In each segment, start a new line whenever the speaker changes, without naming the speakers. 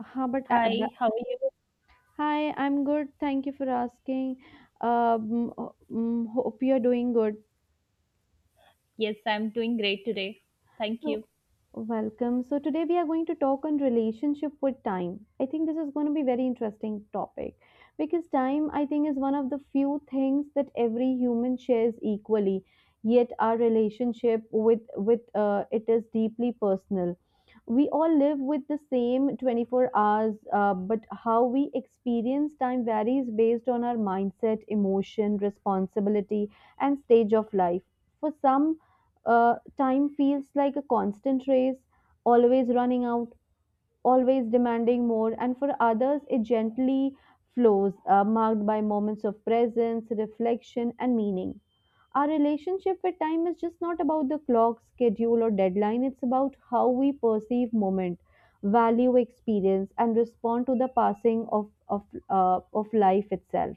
Huh, but
Hi, how are you?
hi, I'm good. Thank you for asking. Hope you're doing good.
Yes, I'm doing great today. Thank
So,
you.
Welcome. So today we are going to talk on relationship with time. I think this is going to be very interesting topic because time I think is one of the few things that every human shares equally. Yet our relationship with it is deeply personal. We all live with the same 24 hours, but how we experience time varies based on our mindset, emotion, responsibility, and stage of life. For some, time feels like a constant race, always running out, always demanding more, and for others, it gently flows, marked by moments of presence, reflection, and meaning. Our relationship with time is just not about the clock, schedule, or deadline. It's about how we perceive moment, value experience, and respond to the passing of life itself.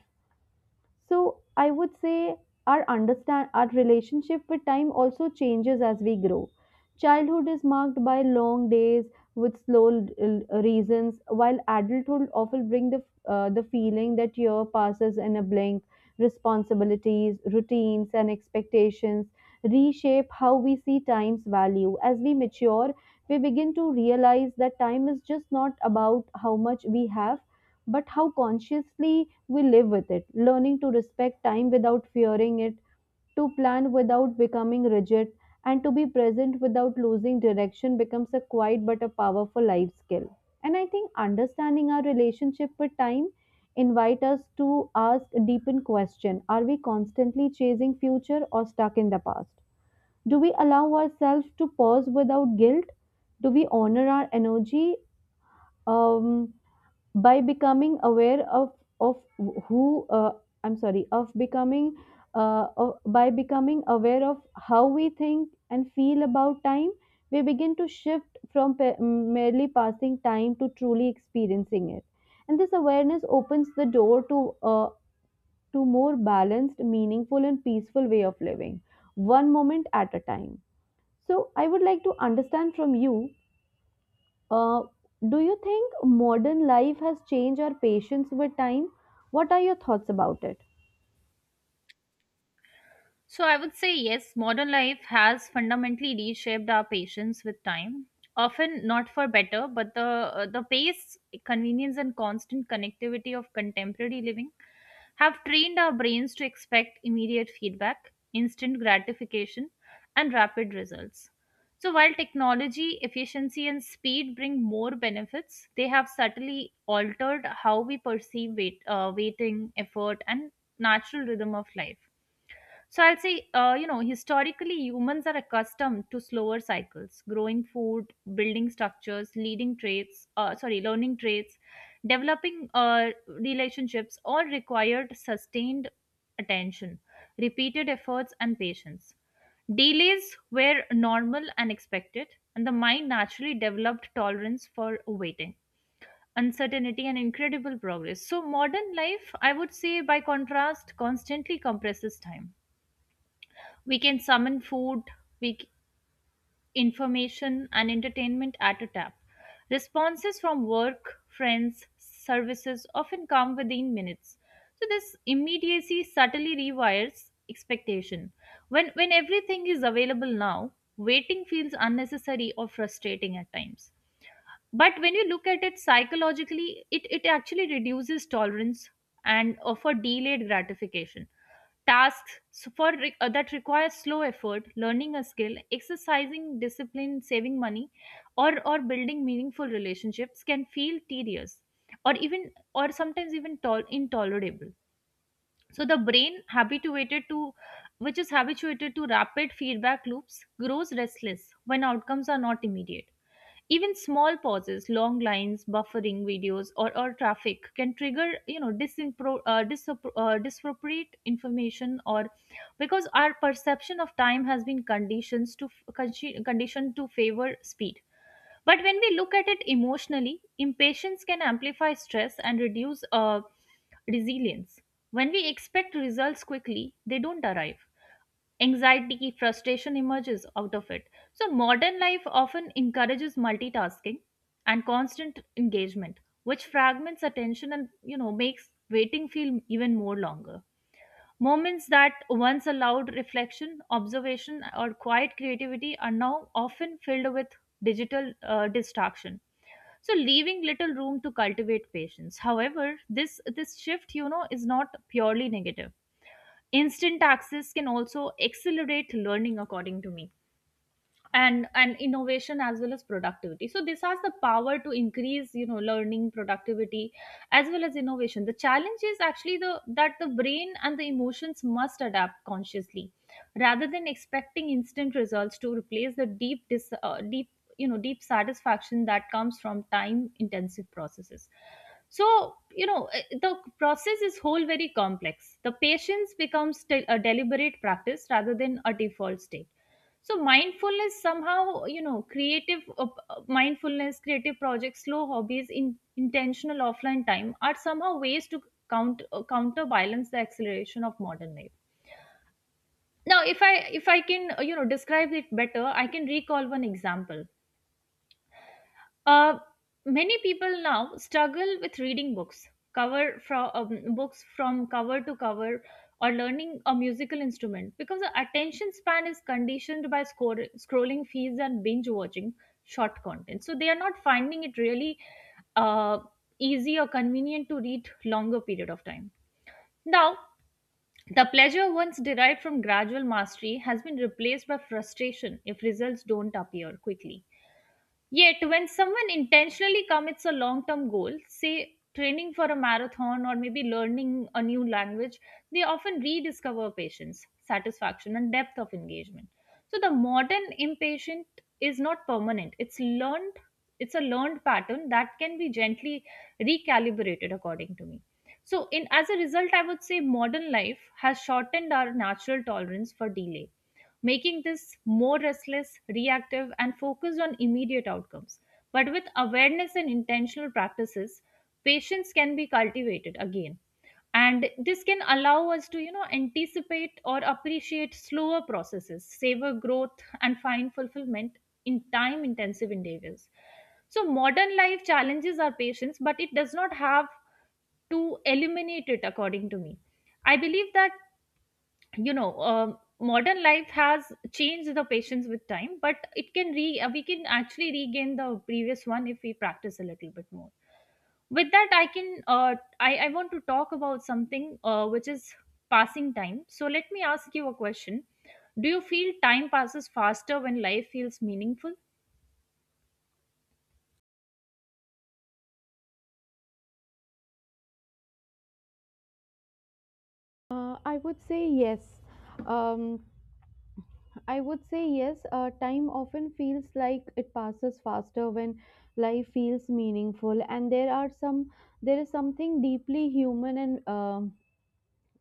So I would say our relationship with time also changes as we grow. Childhood is marked by long days with slow reasons, while adulthood often bring the feeling that year passes in a blink. Responsibilities, routines, and expectations reshape how we see time's value. As we mature, we begin to realize that time is just not about how much we have but how consciously we live with it, learning to respect time without fearing it, to plan without becoming rigid, and to be present without losing direction becomes a quiet but a powerful life skill. And I think understanding our relationship with time invite us to ask a deepened question: are we constantly chasing future or stuck in the past, do we allow ourselves to pause without guilt, do we honor our energy um, by becoming aware of who I'm sorry of becoming by becoming aware of how we think and feel about time, we begin to shift from merely passing time to truly experiencing it. And this awareness opens the door to to more balanced meaningful and peaceful way of living, one moment at a time. So I would like to understand from you, uh, do you think modern life has changed our patience with time? What are your thoughts about it?
So I would say yes, modern life has fundamentally reshaped our patience with time. Often not for better, but the pace, convenience, and constant connectivity of contemporary living have trained our brains to expect immediate feedback, instant gratification, and rapid results. So, while technology, efficiency, and speed bring more benefits, they have subtly altered how we perceive waiting, effort, and natural rhythm of life. So I'll say, you know, historically, humans are accustomed to slower cycles, growing food, building structures, learning traits, developing relationships, all required sustained attention, repeated efforts, and patience. Delays were normal and expected, and the mind naturally developed tolerance for waiting, uncertainty, and incredible progress. So, modern life, I would say, by contrast, constantly compresses time. We can summon food, we c- information and entertainment at a tap. Responses from work, friends, services often come within minutes. So this immediacy subtly rewires expectation. When everything is available now, waiting feels unnecessary or frustrating at times, but when you look at it psychologically, it actually reduces tolerance and for delayed gratification tasks. So that require slow effort, learning a skill, exercising discipline, saving money, or building meaningful relationships can feel tedious, or even or sometimes even intolerable. So the brain habituated to which is habituated to rapid feedback loops grows restless when outcomes are not immediate. Even small pauses, long lines, buffering videos, or traffic can trigger, you know, disappropriate information, or because our perception of time has been conditions to f- conchi- conditioned to favor speed. But when we look at it emotionally, impatience can amplify stress and reduce resilience. When we expect results quickly, they don't arrive. Anxiety, frustration emerges out of it. So, modern life often encourages multitasking and constant engagement, which fragments attention and, you know, makes waiting feel even more longer. Moments that once allowed reflection, observation, or quiet creativity are now often filled with digital distraction. So, leaving little room to cultivate patience. However, this shift, you know, is not purely negative. Instant access can also accelerate learning, according to me, and innovation as well as productivity. So this has the power to increase, you know, learning, productivity, as well as innovation. The challenge is actually the that the brain and the emotions must adapt consciously rather than expecting instant results to replace the deep, you know, deep satisfaction that comes from time intensive processes. So, you know, the process is whole very complex. The patience becomes a deliberate practice rather than a default state. So mindfulness, somehow, you know, creative mindfulness, creative projects, slow hobbies, in intentional offline time are somehow ways to counterbalance the acceleration of modern life. Now if I can, you know, describe it better, I can recall one example. uh, Many people now struggle with reading books, cover from books from cover to cover, or learning a musical instrument because the attention span is conditioned by scrolling feeds and binge watching short content. So they are not finding it really uh, easy or convenient to read longer period of time. Now, the pleasure once derived from gradual mastery has been replaced by frustration if results don't appear quickly. Yet, when someone intentionally commits a long term goal, say training for a marathon or maybe learning a new language, they often rediscover patience, satisfaction, and depth of engagement. So, the modern impatient is not permanent, it's learned. It's a learned pattern that can be gently recalibrated, according to me. So, in as a result, I would say modern life has shortened our natural tolerance for delay, making this more restless, reactive, and focused on immediate outcomes. But with awareness and intentional practices, patience can be cultivated again. And this can allow us to, you know, anticipate or appreciate slower processes, savor growth, and find fulfillment in time intensive endeavors. So, modern life challenges our patience, but it does not have to eliminate it, according to me. I believe that, you know, modern life has changed the patients with time, but it can re we can actually regain the previous one if we practice a little bit more. With that I want to talk about something, which is passing time. So let me ask you a question: do you feel time passes faster when life feels meaningful?
I would say yes. Um, I would say yes. Time often feels like it passes faster when life feels meaningful, and there is something deeply human and um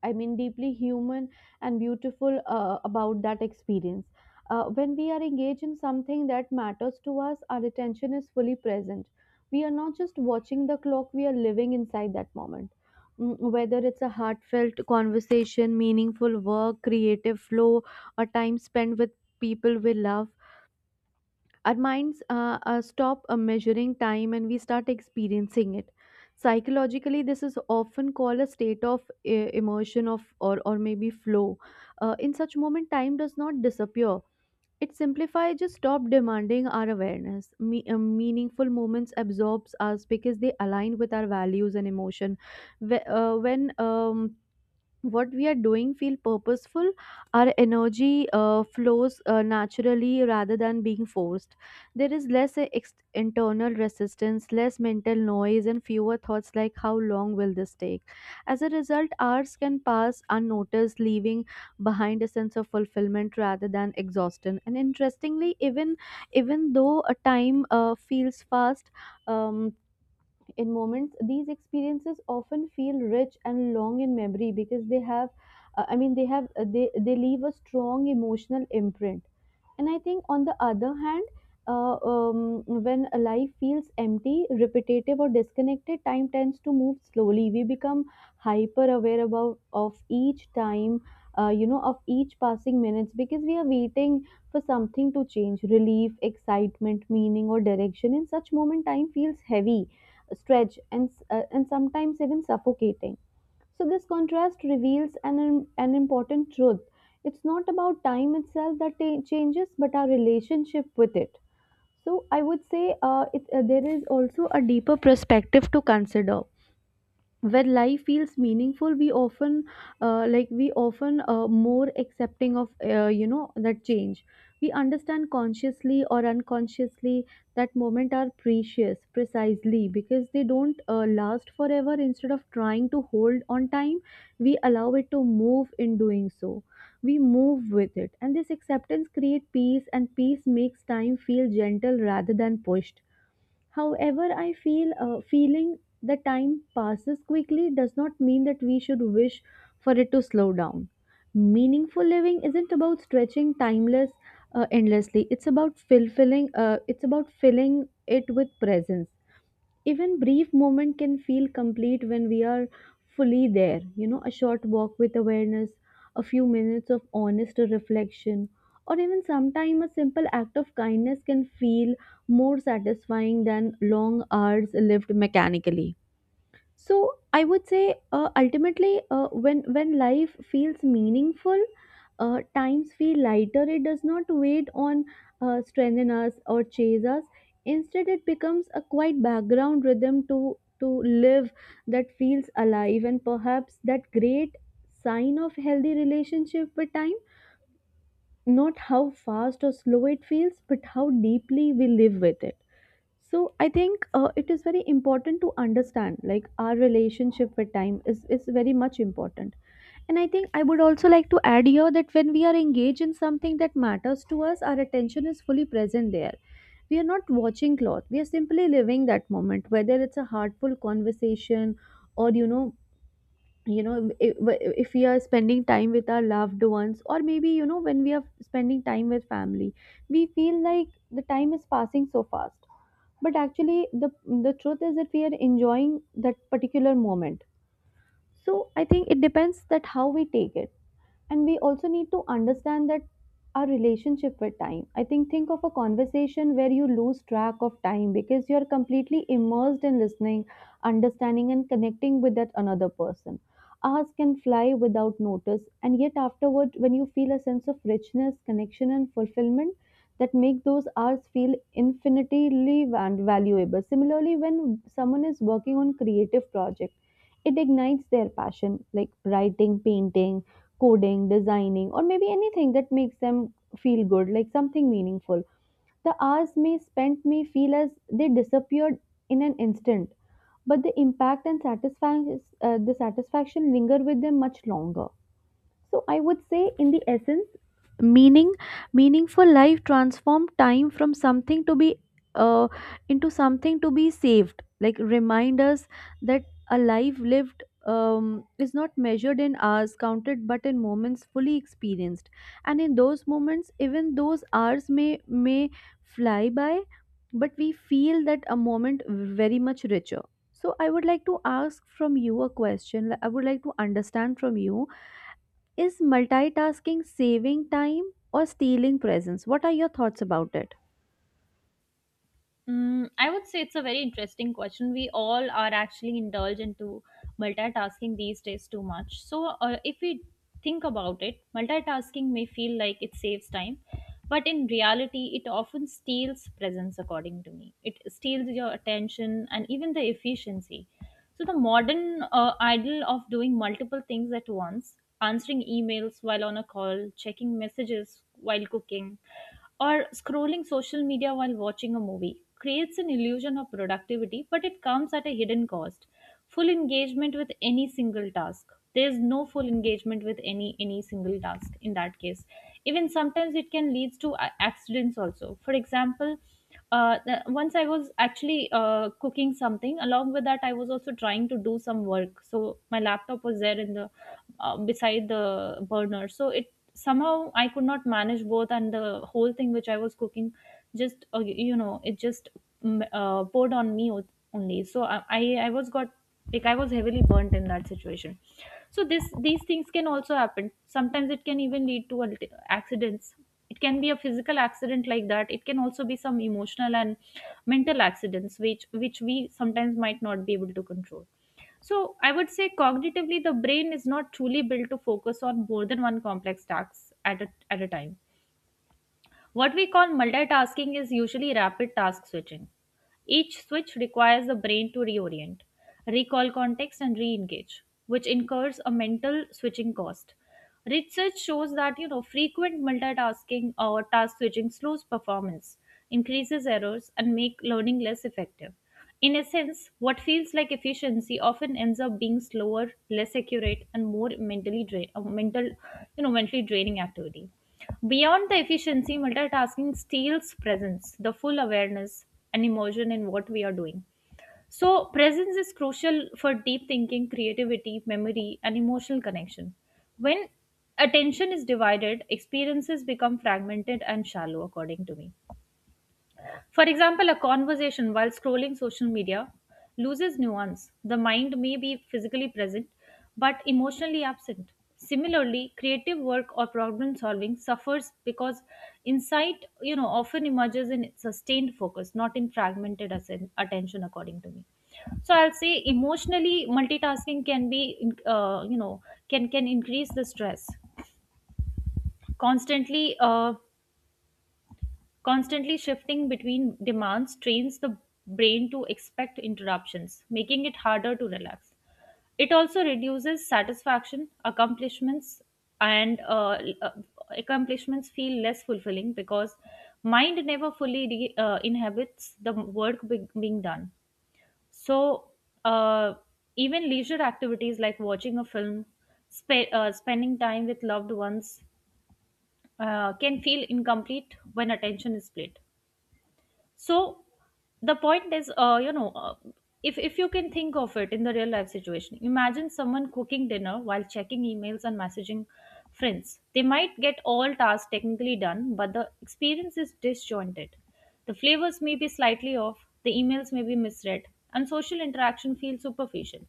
I mean, deeply human and beautiful about that experience. When we are engaged in something that matters to us, our attention is fully present. We are not just watching the clock, we are living inside that moment. Mm. Whether it's a heartfelt conversation, meaningful work, creative flow, or time spent with people we love, our minds stop measuring time and we start experiencing it. Psychologically this is often called a state of emotion or maybe flow. In such moment time does not disappear, it simplifies, just stop demanding our awareness. Meaningful moments absorbs us because they align with our values and emotion. When what we are doing feel purposeful, our energy flows naturally rather than being forced. There is less internal resistance, less mental noise and fewer thoughts like how long will this take. As a result hours can pass unnoticed, leaving behind a sense of fulfillment rather than exhaustion. And interestingly, even though a time feels fast um, in moments, these experiences often feel rich and long in memory because they have I mean they have they leave a strong emotional imprint. And I think, on the other hand, when a life feels empty, repetitive, or disconnected, time tends to move slowly. We become hyper aware about of each time, of each passing minutes because we are waiting for something to change, relief, excitement, meaning, or direction. In such moment, time feels heavy, stretched, and and sometimes even suffocating. So, this contrast reveals an important truth. It's not about time itself that changes, but our relationship with it. So, I would say there is also a deeper perspective to consider. When life feels meaningful we often more accepting of that change. We understand consciously or unconsciously that moment are precious precisely because they don't last forever. Instead of trying to hold on time we allow it to move. In doing so we move with it, and this acceptance creates peace, and peace makes time feel gentle rather than pushed. However, I feel feeling the time passes quickly does not mean that we should wish for it to slow down. Meaningful living isn't about stretching timeless endlessly. It's about fulfilling. It's about filling it with presence. Even brief moment can feel complete when we are fully there. You know, a short walk with awareness, a few minutes of honest reflection, or even sometimes a simple act of kindness can feel more satisfying than long hours lived mechanically. So I would say ultimately when life feels meaningful, times feel lighter. It does not wait on strengthen us or chase us. Instead, it becomes a quiet background rhythm to live that feels alive, and perhaps that great sign of healthy relationship with time. Not how fast or slow it feels, but how deeply we live with it. So I think it is very important to understand like our relationship with time is very much important. And I think I would also like to add here that when we are engaged in something that matters to us, our attention is fully present there. We are not watching cloth. We are simply living that moment, whether it's a heartful conversation or if we are spending time with our loved ones, or maybe you know, when we are spending time with family, we feel like the time is passing so fast, but actually the truth is that we are enjoying that particular moment. So I think it depends that how we take it, and we also need to understand that our relationship with time, I think of a conversation where you lose track of time because you're completely immersed in listening, understanding and connecting with that another person. Hours can fly without notice, and yet afterward when you feel a sense of richness, connection and fulfillment, that make those hours feel infinitely valuable. Similarly, when someone is working on creative project, it ignites their passion like writing, painting, coding, designing, or maybe anything that makes them feel good, like something meaningful. The hours may spent may feel as they disappeared in an instant, but the impact and satisfaction, the satisfaction linger with them much longer. So I would say, in the essence, meaning meaningful life transform time from something to be uh, into something to be saved, like remind us that a life lived is not measured in hours counted but in moments fully experienced, and in those moments even those hours may fly by, but we feel that a moment very much richer. So I would like to ask from you a question like, I would like to understand from you, is multitasking saving time or stealing presence? What are your thoughts about it?
Mm, I would say it's a very interesting question. We all are actually indulged into multitasking these days too much. So, if we think about it, multitasking may feel like it saves time, but in reality, it often steals presence, according to me. It steals your attention and even the efficiency. So, the modern idol of doing multiple things at once, answering emails while on a call, checking messages while cooking, or scrolling social media while watching a movie creates an illusion of productivity, but it comes at a hidden cost. Full engagement with any single task. There's no full engagement with any single task in that case. Even sometimes it can lead to accidents also. For example, once I was actually cooking something. Along with that, I was also trying to do some work. So my laptop was there in the beside the burner. So it, somehow I could not manage both, and the whole thing which I was cooking just, you know, it just, poured on me only. So I was got, like I was heavily burnt in that situation. So this these things can also happen. Sometimes it can even lead to accidents. It can be a physical accident like that. It can also be some emotional and mental accidents which we sometimes might not be able to control. So I would say cognitively, the brain is not truly built to focus on more than one complex task at a time. What we call multitasking is usually rapid task switching. Each switch requires the brain to reorient, recall context, and re engage, which incurs a mental switching cost. Research shows that, you know, frequent multitasking or task switching slows performance, increases errors, and make learning less effective. In essence, what feels like efficiency often ends up being slower, less accurate, and more you know, mentally draining activity. Beyond the efficiency, multitasking steals presence, the full awareness and emotion in what we are doing. So, presence is crucial for deep thinking, creativity, memory, and emotional connection. When attention is divided, experiences become fragmented and shallow, according to me. For example, a conversation while scrolling social media loses nuance. The mind may be physically present but emotionally absent. Similarly, creative work or problem solving suffers because insight, you know, often emerges in sustained focus, not in fragmented attention, according to me. So I'll say emotionally multitasking can be, you know, can increase the stress. Constantly uh, Constantly shifting between demands trains the brain to expect interruptions, making it harder to relax. It also reduces satisfaction, accomplishments, and accomplishments feel less fulfilling because mind never inhabits the being done. So, uh, even leisure activities like watching a film, spending time with loved ones, can feel incomplete when attention is split. So the point is, you know, if you can think of it in the real life situation, imagine someone cooking dinner while checking emails and messaging friends. They might get all tasks technically done, but the experience is disjointed. The flavors may be slightly off, the emails may be misread, and social interaction feels superficial.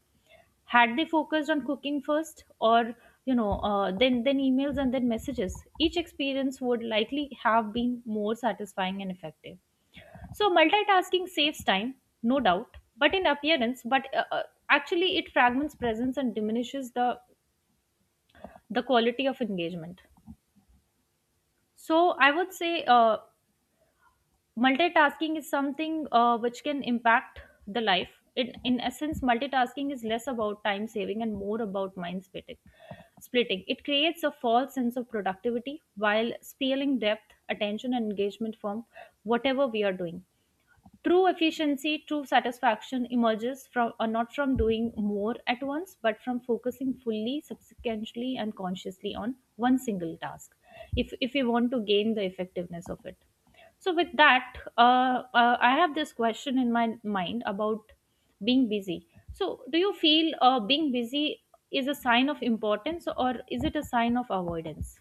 Had they focused on cooking first, or, you know, then emails and then messages, each experience would likely have been more satisfying and effective. So multitasking saves time, no doubt, but in appearance, but actually it fragments presence and diminishes the quality of engagement. So I would say, multitasking is something, which can impact the life. In essence, multitasking is less about time saving and more about mind splitting. Splitting it creates a false sense of productivity while stealing depth, attention, and engagement from whatever we are doing. True efficiency, true satisfaction emerges from or not from doing more at once, but from focusing fully, subsequently, and consciously on one single task. If we want to gain the effectiveness of it. So with that, I have this question in my mind about being busy. So do you feel being busy is a sign of importance or is it a sign of avoidance?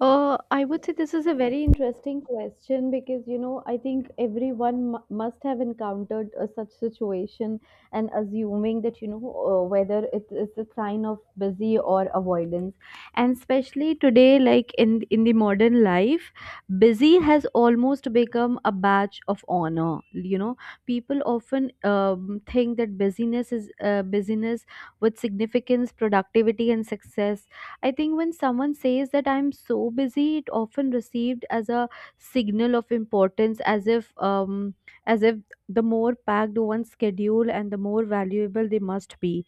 I would say this is a very interesting question because, you know, I think everyone must have encountered a such situation and assuming that, you know, whether it's a sign of busy or avoidance. And especially today, like in the modern life, busy has almost become a badge of honor. You know, people often think that busyness is busyness with significance, productivity, and success. I think when someone says that I'm so busy, it often received as a signal of importance, as if the more packed one's schedule and the more valuable they must be.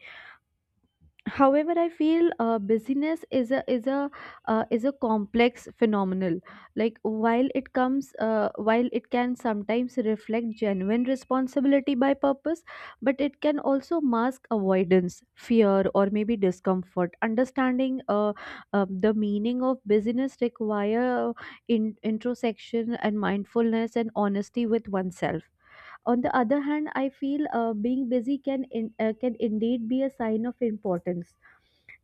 However I feel busyness is a complex phenomenon. Like while it comes while it can sometimes reflect genuine responsibility by purpose, but it can also mask avoidance, fear, or maybe discomfort. Understanding the meaning of busyness require introspection and mindfulness and honesty with oneself. On the other hand I feel being busy can indeed be a sign of importance,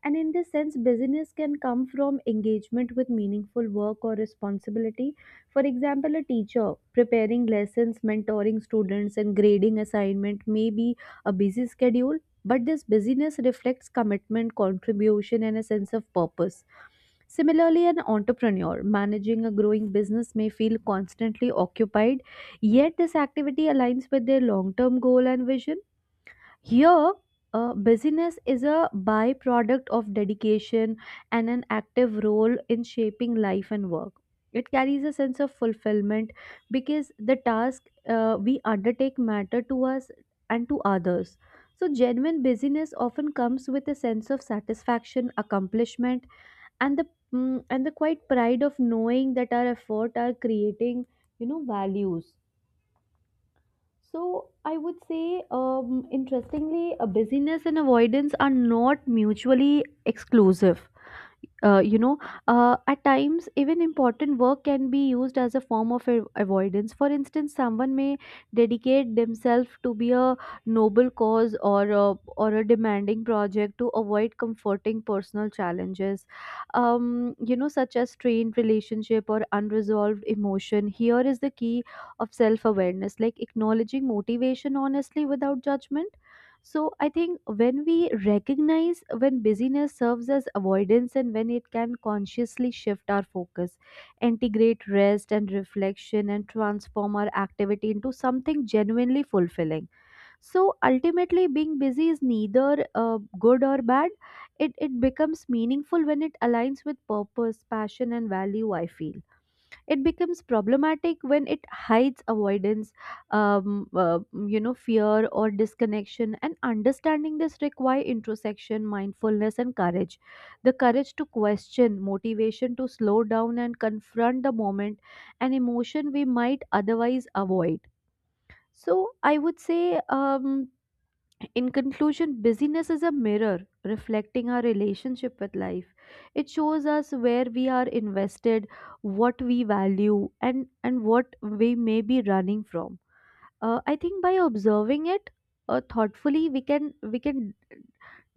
and in this sense, busyness can come from engagement with meaningful work or responsibility. For example, a teacher preparing lessons, mentoring students, and grading assignment may be a busy schedule, but this busyness reflects commitment, contribution, and a sense of purpose. Similarly, an entrepreneur managing a growing business may feel constantly occupied, yet this activity aligns with their long term goal and vision here, busyness is a byproduct of dedication and an active role in shaping life and work. It carries a sense of fulfillment because the task we undertake matter to us and to others. So, genuine busyness often comes with a sense of satisfaction, accomplishment, and the and the quiet pride of knowing that our effort are creating, values. So I would say, interestingly, busyness and avoidance are not mutually exclusive. uh, you know at times even important work can be used as a form of avoidance. For instance, someone may dedicate themselves to be a noble cause or a demanding project to avoid comforting personal challenges, such as strained relationship or unresolved emotion. Here is the key of self awareness, like acknowledging motivation honestly without judgment. So I think when we recognize when busyness serves as avoidance and when it can consciously shift our focus, integrate rest and reflection and transform our activity into something genuinely fulfilling. So ultimately being busy is neither good or bad. It becomes meaningful when it aligns with purpose, passion and value, I feel. It becomes problematic when it hides avoidance, um, uh, fear or disconnection, and understanding this require introspection, mindfulness and courage, the courage to question motivation, to slow down and confront the moment, an emotion we might otherwise avoid. So i would say um, in conclusion, busyness is a mirror reflecting our relationship with life. It shows us where we are invested, what we value, and what we may be running from. I think by observing it thoughtfully, we can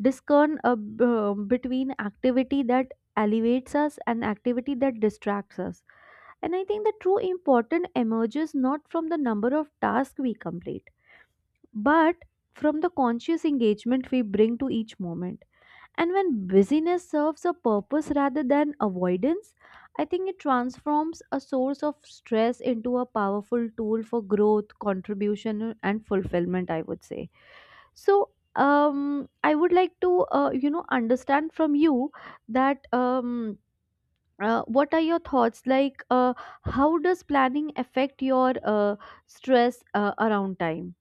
discern, between activity that elevates us and activity that distracts us. And I think the true important emerges not from the number of tasks we complete but from the conscious engagement we bring to each moment. And when busyness serves a purpose rather than avoidance, I think it transforms a source of stress into a powerful tool for growth, contribution, and fulfillment, I would say. So, I would like to, understand from you that what are your thoughts? Like, how does planning affect your stress around time?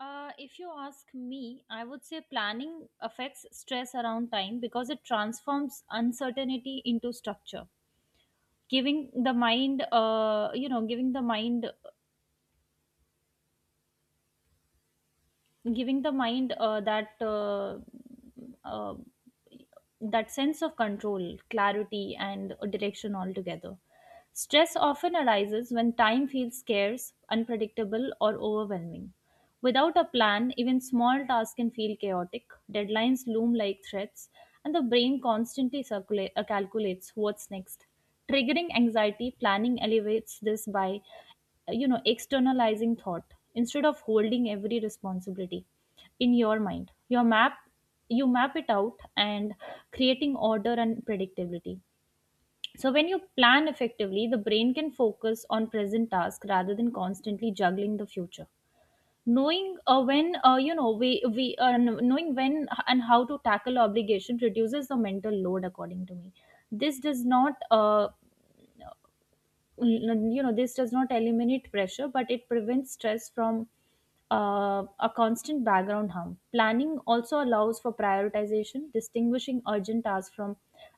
If you ask me, I would say planning affects stress around time because it transforms uncertainty into structure, giving the mind, giving the mind, giving the mind uh, that uh, uh, that sense of control, clarity, and direction altogether. Stress often arises when time feels scarce, unpredictable, or overwhelming. Without a plan, even small tasks can feel chaotic, deadlines loom like threats, and the brain constantly calculates what's next. Triggering anxiety, planning elevates this by externalizing thought instead of holding every responsibility in your mind. You map it out and creating order and predictability. So when you plan effectively, the brain can focus on present task rather than constantly juggling the future, knowing when, knowing when and how to tackle obligation reduces the mental load. According to me, this does not this does not eliminate pressure, but it prevents stress from a constant background hum. Planning also allows for prioritization, distinguishing urgent tasks from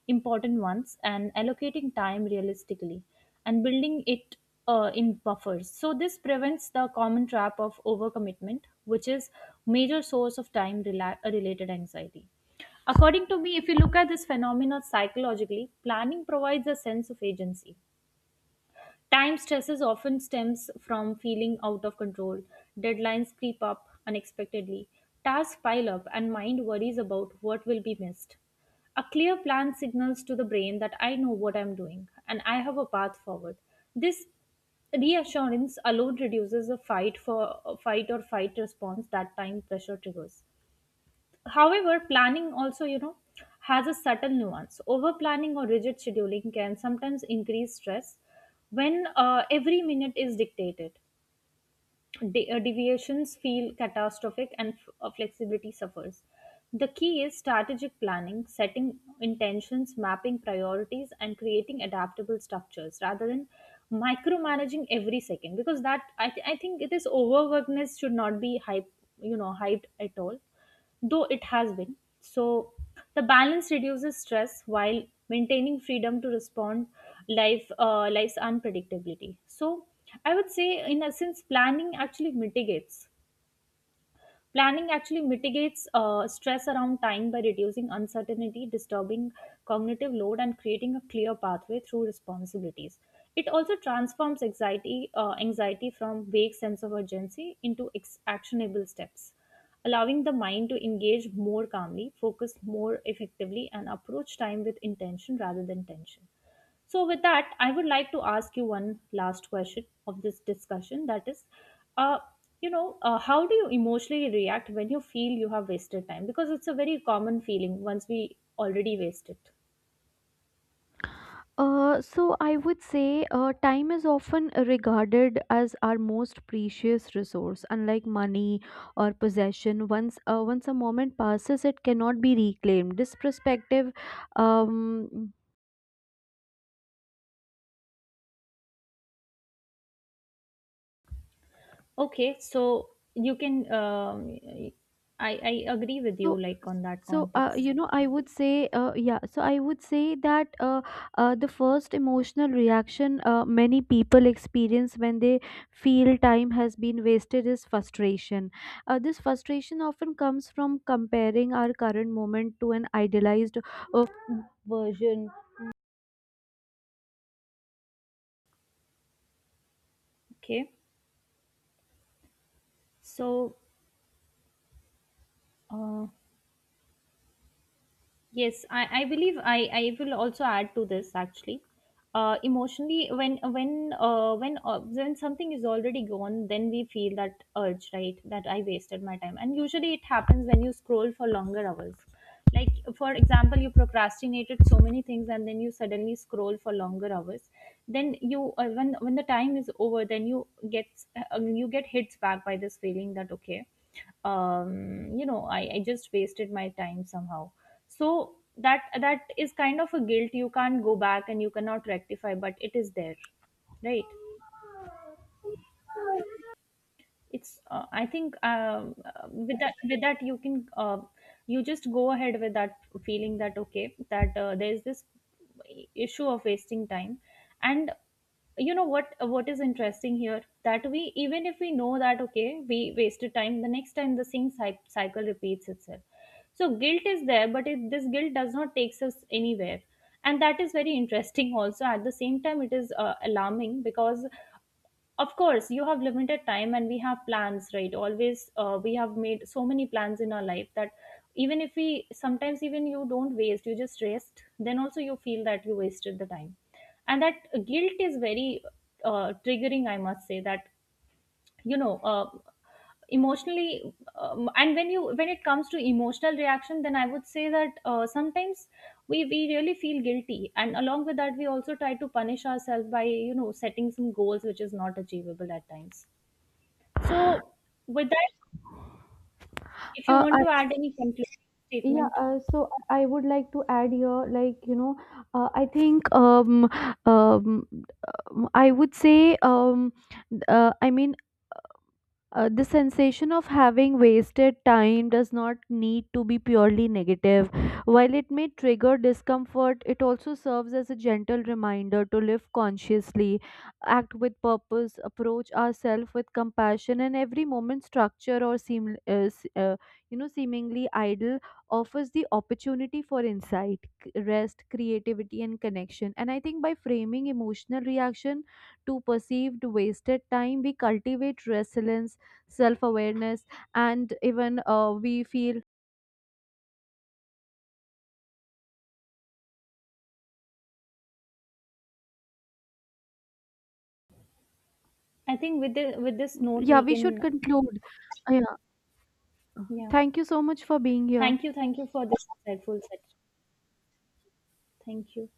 important ones and allocating time realistically and building it in buffers. So this prevents the common trap of overcommitment, which is major source of related anxiety. According to me, if you look at this phenomenon psychologically, planning provides a sense of agency. Time stresses often stems from feeling out of control. Deadlines creep up unexpectedly, tasks pile up, and mind worries about what will be missed. A clear plan signals to the brain that I know what I'm doing and I have a path forward. This reassurance alone reduces the fight for fight or fight response that time pressure triggers. However, planning also, you know, has a subtle nuance. Over planning or rigid scheduling can sometimes increase stress when every minute is dictated. Deviations feel catastrophic and flexibility suffers. The key is strategic planning, setting intentions, mapping priorities, and creating adaptable structures rather than micromanaging every second, because I think it is overworkedness should not be hyped at all, though it has been. So the balance reduces stress while maintaining freedom to respond life life's unpredictability. So I would say in essence Planning actually mitigates stress around time by reducing uncertainty, disturbing cognitive load, and creating a clear pathway through responsibilities. It also transforms anxiety, anxiety from vague sense of urgency into actionable steps, allowing the mind to engage more calmly, focus more effectively, and approach time with intention rather than tension. So, with that, I would like to ask you one last question of this discussion. That is, uh, how do you emotionally react when you feel you have wasted time? Because it's a very common feeling once we already waste it.
So I would say time is often regarded as our most precious resource. Unlike money or possession, once a moment passes, it cannot be reclaimed. This perspective um,
Okay, so you can, I agree with
So,
you, like on that
so
context.
you know, I would say, yeah. So I would say that the first emotional reaction many people experience when they feel time has been wasted is frustration. This frustration often comes from comparing our current moment to an idealized uh, version.
Okay, so. Uh, Yes, I believe I will also add to this actually. Emotionally, when something is already gone, then we feel that urge, right? That I wasted my time, and usually it happens when you scroll for longer hours. Like for example, you procrastinated so many things, and then you suddenly scroll for longer hours. Then you when the time is over, then you get hits back by this feeling that okay, I just wasted my time somehow. So that is kind of a guilt. You can't go back and you cannot rectify, but it is there, right? It's I think with that you can you just go ahead with that feeling that okay, that there is this issue of wasting time. And you know what is interesting here, that we, even if we know that okay we wasted time, the next time the same cycle repeats itself. So guilt is there, but this guilt does not takes us anywhere. And that is very interesting. Also, at the same time it is alarming, because of course, you have limited time and we have plans, right? Always, we have made so many plans in our life that even if we sometimes, even you don't waste, you just rest, then also you feel that you wasted the time. And that guilt is very triggering, I must say, that, you know, uh, emotionally, and when you when it comes to emotional reaction, then I would say that sometimes we really feel guilty, and along with that we also try to punish ourselves by, you know, setting some goals which is not achievable at times. So, with that, if you want
I,
to add any concluding
yeah.
statement,
So I would like to add here, like you know, I think um, I would say I mean the sensation of having wasted time does not need to be purely negative. While it may trigger discomfort, it also serves as a gentle reminder to live consciously, act with purpose, approach ourselves with compassion, and every moment, structure or seem, seemingly idle, offers the opportunity for insight, rest, creativity, and connection. And I think by framing emotional reaction to perceived wasted time, we cultivate resilience, self awareness, and even we feel,
I think with this note
yeah,
we
we should
can,
conclude. Yeah,
yeah.
thank you so much for being here.
Thank you for this insightful session. Thank you.